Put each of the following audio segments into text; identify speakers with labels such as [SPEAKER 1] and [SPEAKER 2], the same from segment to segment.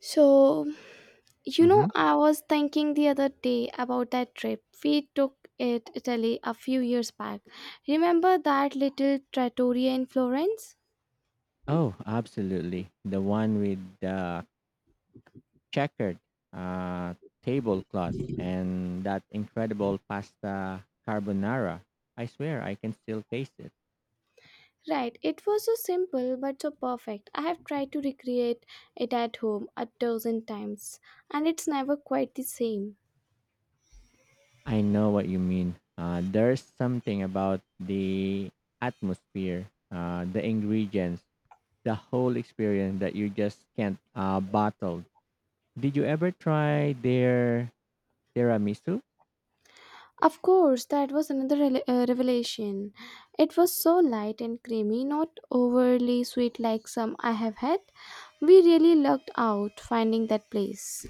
[SPEAKER 1] So, you
[SPEAKER 2] Mm-hmm.
[SPEAKER 1] know, I was thinking the other day about that trip we took it Italy a few years back. Remember that little trattoria in Florence?
[SPEAKER 2] Oh, absolutely. The one with the checkered uh, tablecloth and that incredible pasta carbonara. I swear I can still taste it.
[SPEAKER 1] Right, it was so simple but so perfect. I have tried to recreate it at home a dozen times, and it's never quite the same.
[SPEAKER 2] I know what you mean. There's something about the atmosphere, the ingredients, the whole experience that you just can't bottle. Did you ever try their tiramisu?
[SPEAKER 1] Of course, that was another revelation. It was so light and creamy, not overly sweet like some I have had. We really lucked out finding that place.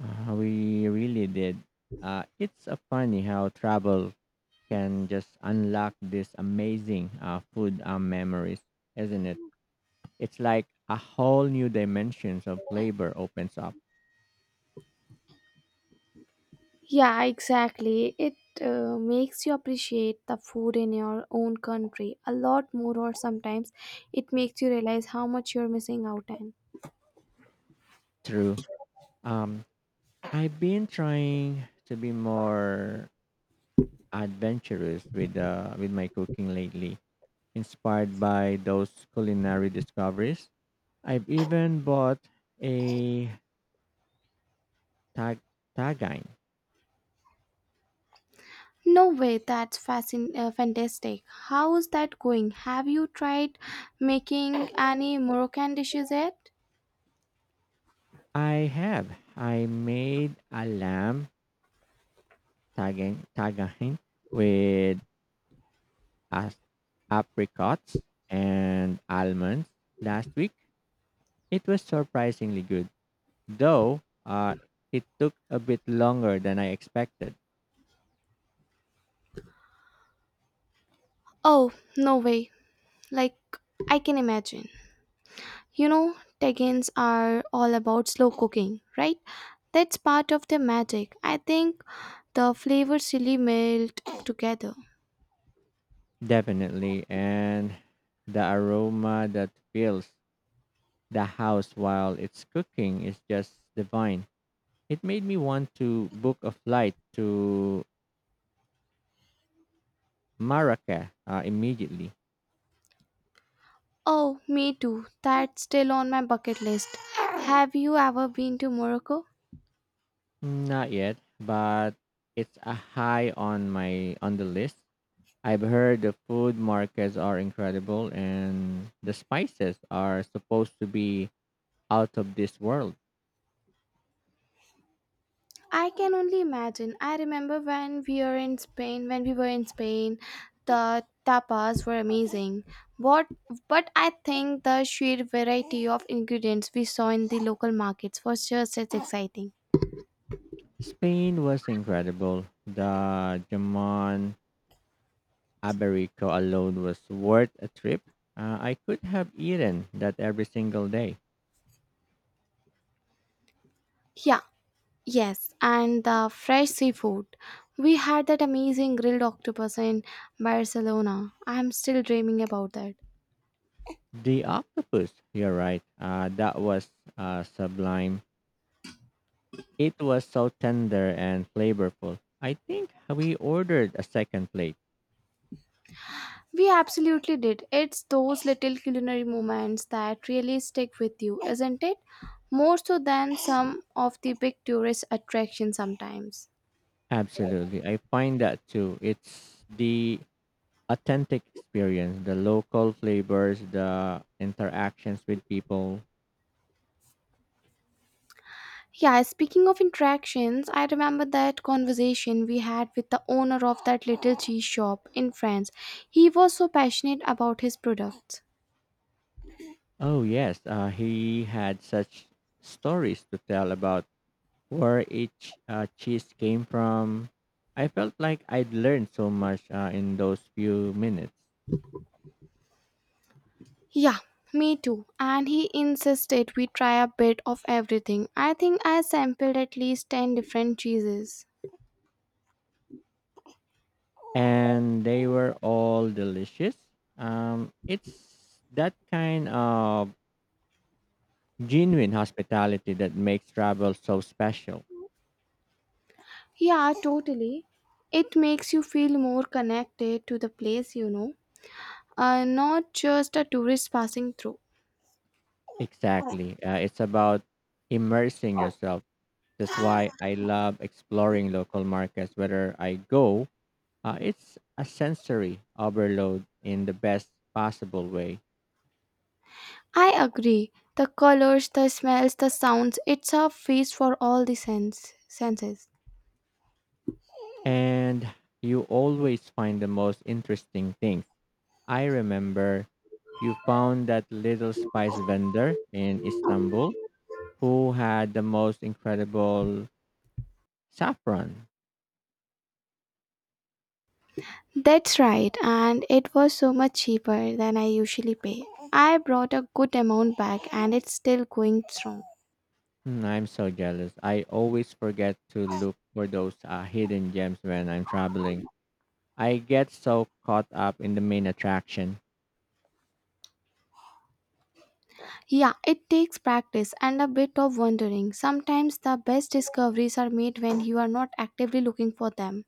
[SPEAKER 2] We really did. It's funny how travel can just unlock this amazing food memories, isn't it? It's like a whole new dimensions of flavor opens up.
[SPEAKER 1] Yeah, exactly. It makes you appreciate the food in your own country a lot more, or sometimes it makes you realize how much you're missing out on.
[SPEAKER 2] True. Um, I've been trying to be more adventurous with with my cooking lately, inspired by those culinary discoveries. I've even bought a tag tagain.
[SPEAKER 1] No way, that's fantastic. How is that going? Have you tried making any Moroccan dishes yet?
[SPEAKER 2] I have. I made a lamb tagain with as apricots and almonds last week. It was surprisingly good, though it took a bit longer than I expected.
[SPEAKER 1] Oh, no way. Like, I can imagine. You know, Tekkens are all about slow cooking, right? That's part of the magic. I think the flavors really melt together.
[SPEAKER 2] Definitely, and the aroma that fills the house while it's cooking is just divine. It made me want to book a flight to Marrakech immediately.
[SPEAKER 1] Oh, me too. That's still on my bucket list. Have you ever been to Morocco?
[SPEAKER 2] Not yet, but it's a high on the list. I've heard the food markets are incredible and the spices are supposed to be out of this world.
[SPEAKER 1] I can only imagine. I remember when we were in Spain, when we were in Spain, the tapas were amazing. What but I think the sheer variety of ingredients we saw in the local markets was just as exciting.
[SPEAKER 2] Spain was incredible. The Jamon Iberico alone was worth a trip. I could have eaten that every single day.
[SPEAKER 1] Yeah, Yes, and the fresh seafood. We had that amazing grilled octopus in Barcelona. I'm still dreaming about that.
[SPEAKER 2] The octopus, you're right, that was sublime. It was so tender and flavorful. I think we ordered a second plate.
[SPEAKER 1] We absolutely did. It's those little culinary moments that really stick with you, isn't it? More so than some of the big tourist attractions sometimes.
[SPEAKER 2] Absolutely. I find that too. It's the authentic experience, the local flavors, the interactions with people.
[SPEAKER 1] Yeah, speaking of interactions, I remember that conversation we had with the owner of that little cheese shop in France. He was so passionate about his products.
[SPEAKER 2] Oh yes, he had such stories to tell about where each cheese came from. I felt like I'd learned so much in those few minutes,
[SPEAKER 1] Yeah, me too. And he insisted we try a bit of everything. I think I sampled at least 10 different cheeses.
[SPEAKER 2] and they were all delicious. It's that kind of genuine hospitality that makes travel so special.
[SPEAKER 1] Yeah, totally. It makes you feel more connected to the place, not just a tourist passing through.
[SPEAKER 2] Exactly, it's about immersing yourself. That's why I love exploring local markets. Whether I go, it's a sensory overload in the best possible way.
[SPEAKER 1] I agree. The colors, the smells, the sounds, it's a feast for all the senses.
[SPEAKER 2] And you always find the most interesting things. I remember you found that little spice vendor in Istanbul who had the most incredible saffron.
[SPEAKER 1] That's right, and it was so much cheaper than I usually pay. I brought a good amount back and it's still going strong.
[SPEAKER 2] Mm, I'm so jealous. I always forget to look for those hidden gems when I'm traveling. I get so caught up in the main attraction.
[SPEAKER 1] Yeah, it takes practice and a bit of wondering. Sometimes the best discoveries are made when you are not actively looking for them.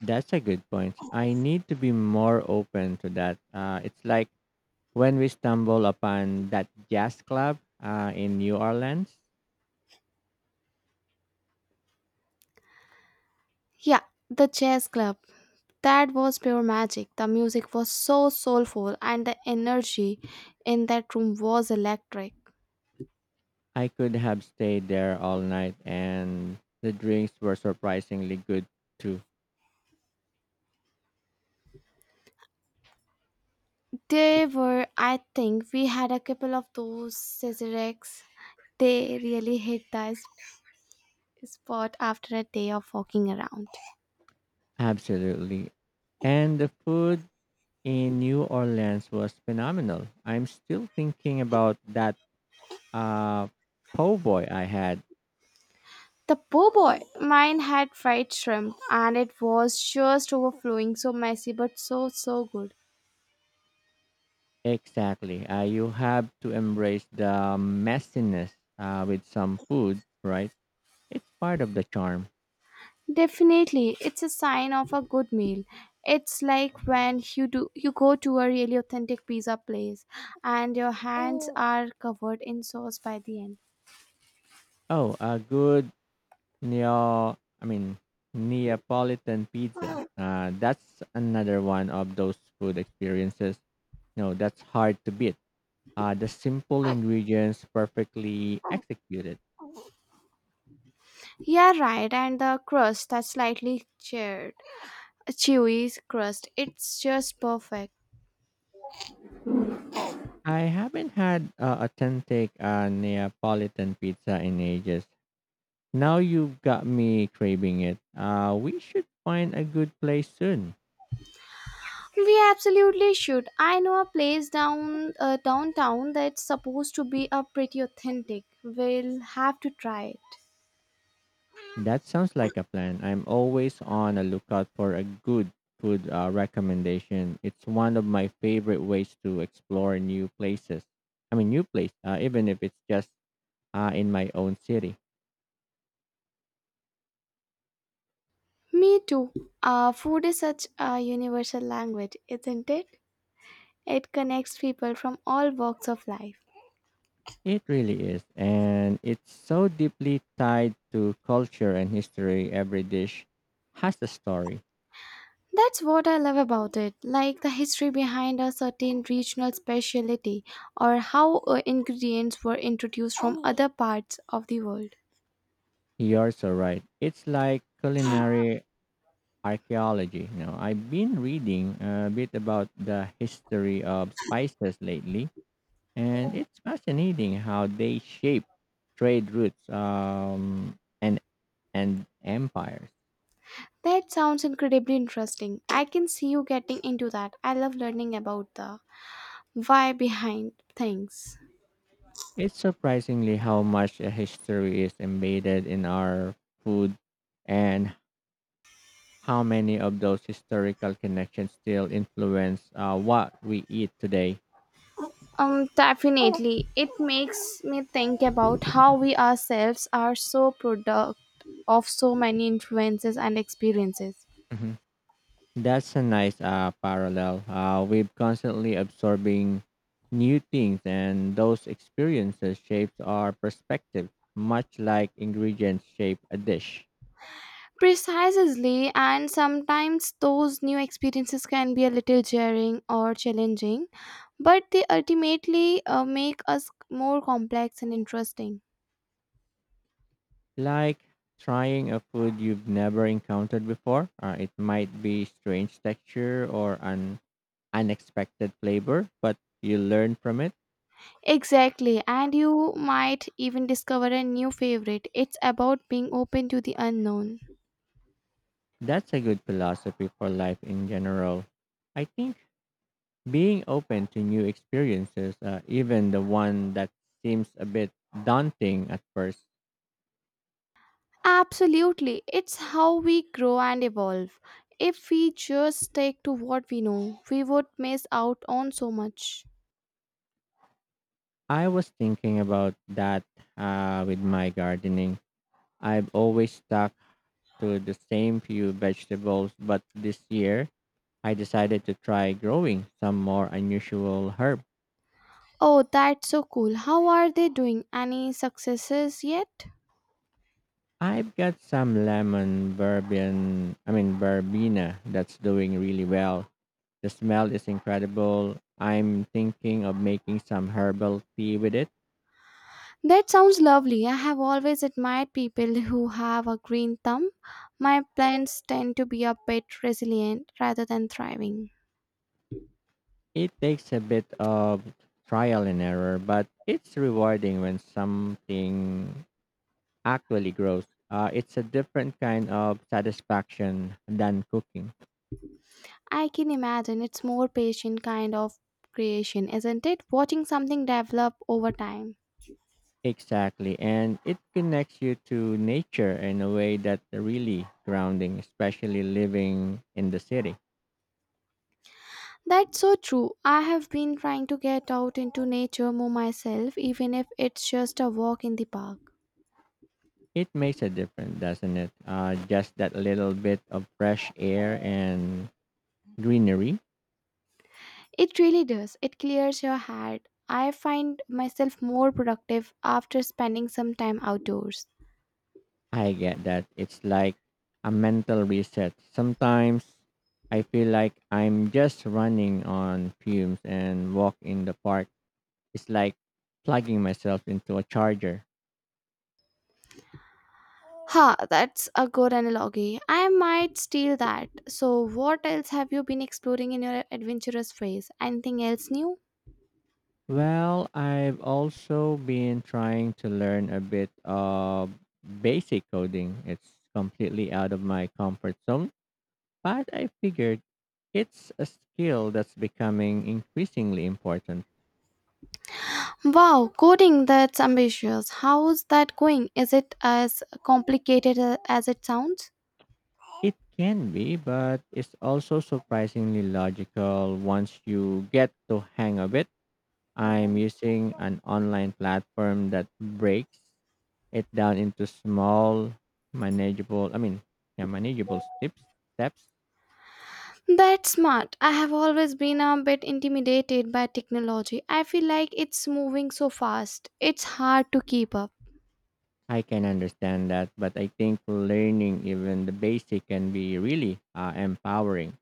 [SPEAKER 2] That's a good point. I need to be more open to that. It's like when we stumble upon that jazz club in New Orleans.
[SPEAKER 1] Yeah, the chess club. That was pure magic. The music was so soulful and the energy in that room was electric.
[SPEAKER 2] I could have stayed there all night, and the drinks were surprisingly good too.
[SPEAKER 1] They were, I think, we had a couple of those Cesarex. They really hit the spot after a day of walking around.
[SPEAKER 2] Absolutely. And the food in New Orleans was phenomenal. I'm still thinking about that uh, po' boy I had.
[SPEAKER 1] The po' boy! Mine had fried shrimp, and it was just overflowing, so messy but so good.
[SPEAKER 2] Exactly. You have to embrace the messiness with some food, right? It's part of the charm.
[SPEAKER 1] Definitely, it's a sign of a good meal. It's like when you do you go to a really authentic pizza place, and your hands Oh, are covered in sauce by the end.
[SPEAKER 2] Oh, a good neo, I mean Neapolitan pizza. That's another one of those food experiences. No, that's hard to beat. The simple ingredients perfectly executed.
[SPEAKER 1] Yeah, right. And the crust that's slightly chewy crust. It's just perfect.
[SPEAKER 2] I haven't had authentic Neapolitan pizza in ages. Now you've got me craving it. We should find a good place soon.
[SPEAKER 1] We absolutely should. I know a place downtown that's supposed to be a pretty authentic. We'll have to try it.
[SPEAKER 2] That sounds like a plan. I'm always on a lookout for a good food recommendation. It's one of my favorite ways to explore new places. Even if it's just in my own city.
[SPEAKER 1] Me too. Food is such a universal language, isn't it? It connects people from all walks of life.
[SPEAKER 2] It really is. And it's so deeply tied to culture and history. Every dish has a story.
[SPEAKER 1] That's what I love about it, like the history behind a certain regional specialty or how ingredients were introduced from other parts of the world.
[SPEAKER 2] You're so right. It's like culinary archaeology. You know, I've been reading a bit about the history of spices lately, and it's fascinating how they shape trade routes, and empires.
[SPEAKER 1] That sounds incredibly interesting. I can see you getting into that. I love learning about the why behind things.
[SPEAKER 2] It's surprisingly how much a history is embedded in our food, and how many of those historical connections still influence what we eat today.
[SPEAKER 1] Definitely. It makes me think about how we ourselves are so product of so many influences and experiences.
[SPEAKER 2] Mhm. That's a nice parallel. We've constantly absorbing new things, and those experiences shapes our perspective, much like ingredients shape a dish.
[SPEAKER 1] Precisely, and sometimes those new experiences can be a little jarring or challenging, but they ultimately make us more complex and interesting.
[SPEAKER 2] Like trying a food you've never encountered before. It might be strange texture or an unexpected flavor, but you learn from it.
[SPEAKER 1] Exactly, and you might even discover a new favorite. It's about being open to the unknown.
[SPEAKER 2] That's a good philosophy for life in general. I think being open to new experiences, even the one that seems a bit daunting at first.
[SPEAKER 1] Absolutely, it's how we grow and evolve. If we just stick to what we know, we would miss out on so much.
[SPEAKER 2] I was thinking about that with my gardening. I've always stuck to the same few vegetables, but this year I decided to try growing some more unusual herb.
[SPEAKER 1] Oh, that's so cool. How are they doing? Any successes yet?
[SPEAKER 2] I've got some lemon verbian, I mean verbena that's doing really well. The smell is incredible. I'm thinking of making some herbal tea with it.
[SPEAKER 1] That sounds lovely. I have always admired people who have a green thumb. My plants tend to be a bit resilient rather than thriving.
[SPEAKER 2] It takes a bit of trial and error, but it's rewarding when something actually grows. It's a different kind of satisfaction than cooking.
[SPEAKER 1] I can imagine it's more patient kind of creation, isn't it? Watching something develop over time.
[SPEAKER 2] Exactly. And it connects you to nature in a way that's really grounding, especially living in the city.
[SPEAKER 1] That's so true. I have been trying to get out into nature more myself, even if it's just a walk in the park.
[SPEAKER 2] It makes a difference, doesn't it? Just that little bit of fresh air and greenery.
[SPEAKER 1] It really does. It clears your head. I find myself more productive after spending some time outdoors.
[SPEAKER 2] I get that. It's like a mental reset. Sometimes I feel like I'm just running on fumes and walk in the park. It's like plugging myself into a charger.
[SPEAKER 1] Ha, that's a good analogy. I might steal that. So, what else have you been exploring in your adventurous phase? Anything else new?
[SPEAKER 2] Well, I've also been trying to learn a bit of basic coding. It's completely out of my comfort zone, but I figured it's a skill that's becoming increasingly important.
[SPEAKER 1] Wow, coding that's ambitious. How's that going? Is it as complicated as it sounds?
[SPEAKER 2] It can be, but it's also surprisingly logical once you get the hang of it. I'm using an online platform that breaks it down into small, manageable, I mean, yeah, manageable steps.
[SPEAKER 1] That's smart. I have always been a bit intimidated by technology. I feel like it's moving so fast. It's hard to keep up.
[SPEAKER 2] I can understand that, but I think learning even the basic can be really empowering.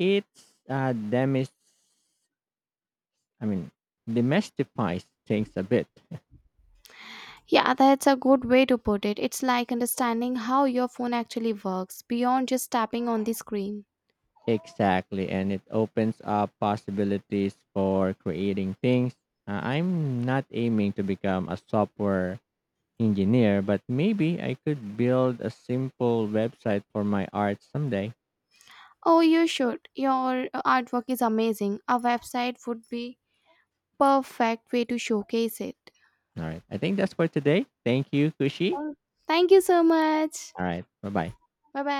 [SPEAKER 2] It's I mean, demystifies things a bit.
[SPEAKER 1] Yeah, that's a good way to put it. It's like understanding how your phone actually works beyond just tapping on the screen.
[SPEAKER 2] Exactly, and it opens up possibilities for creating things. I'm not aiming to become a software engineer, but maybe I could build a simple website for my art someday.
[SPEAKER 1] Oh, you should. Your artwork is amazing. A website would be perfect way to showcase it.
[SPEAKER 2] All right, I think that's for today. Thank you, Kushi.
[SPEAKER 1] Thank Thank you so much.
[SPEAKER 2] All right, bye bye.
[SPEAKER 1] 拜拜。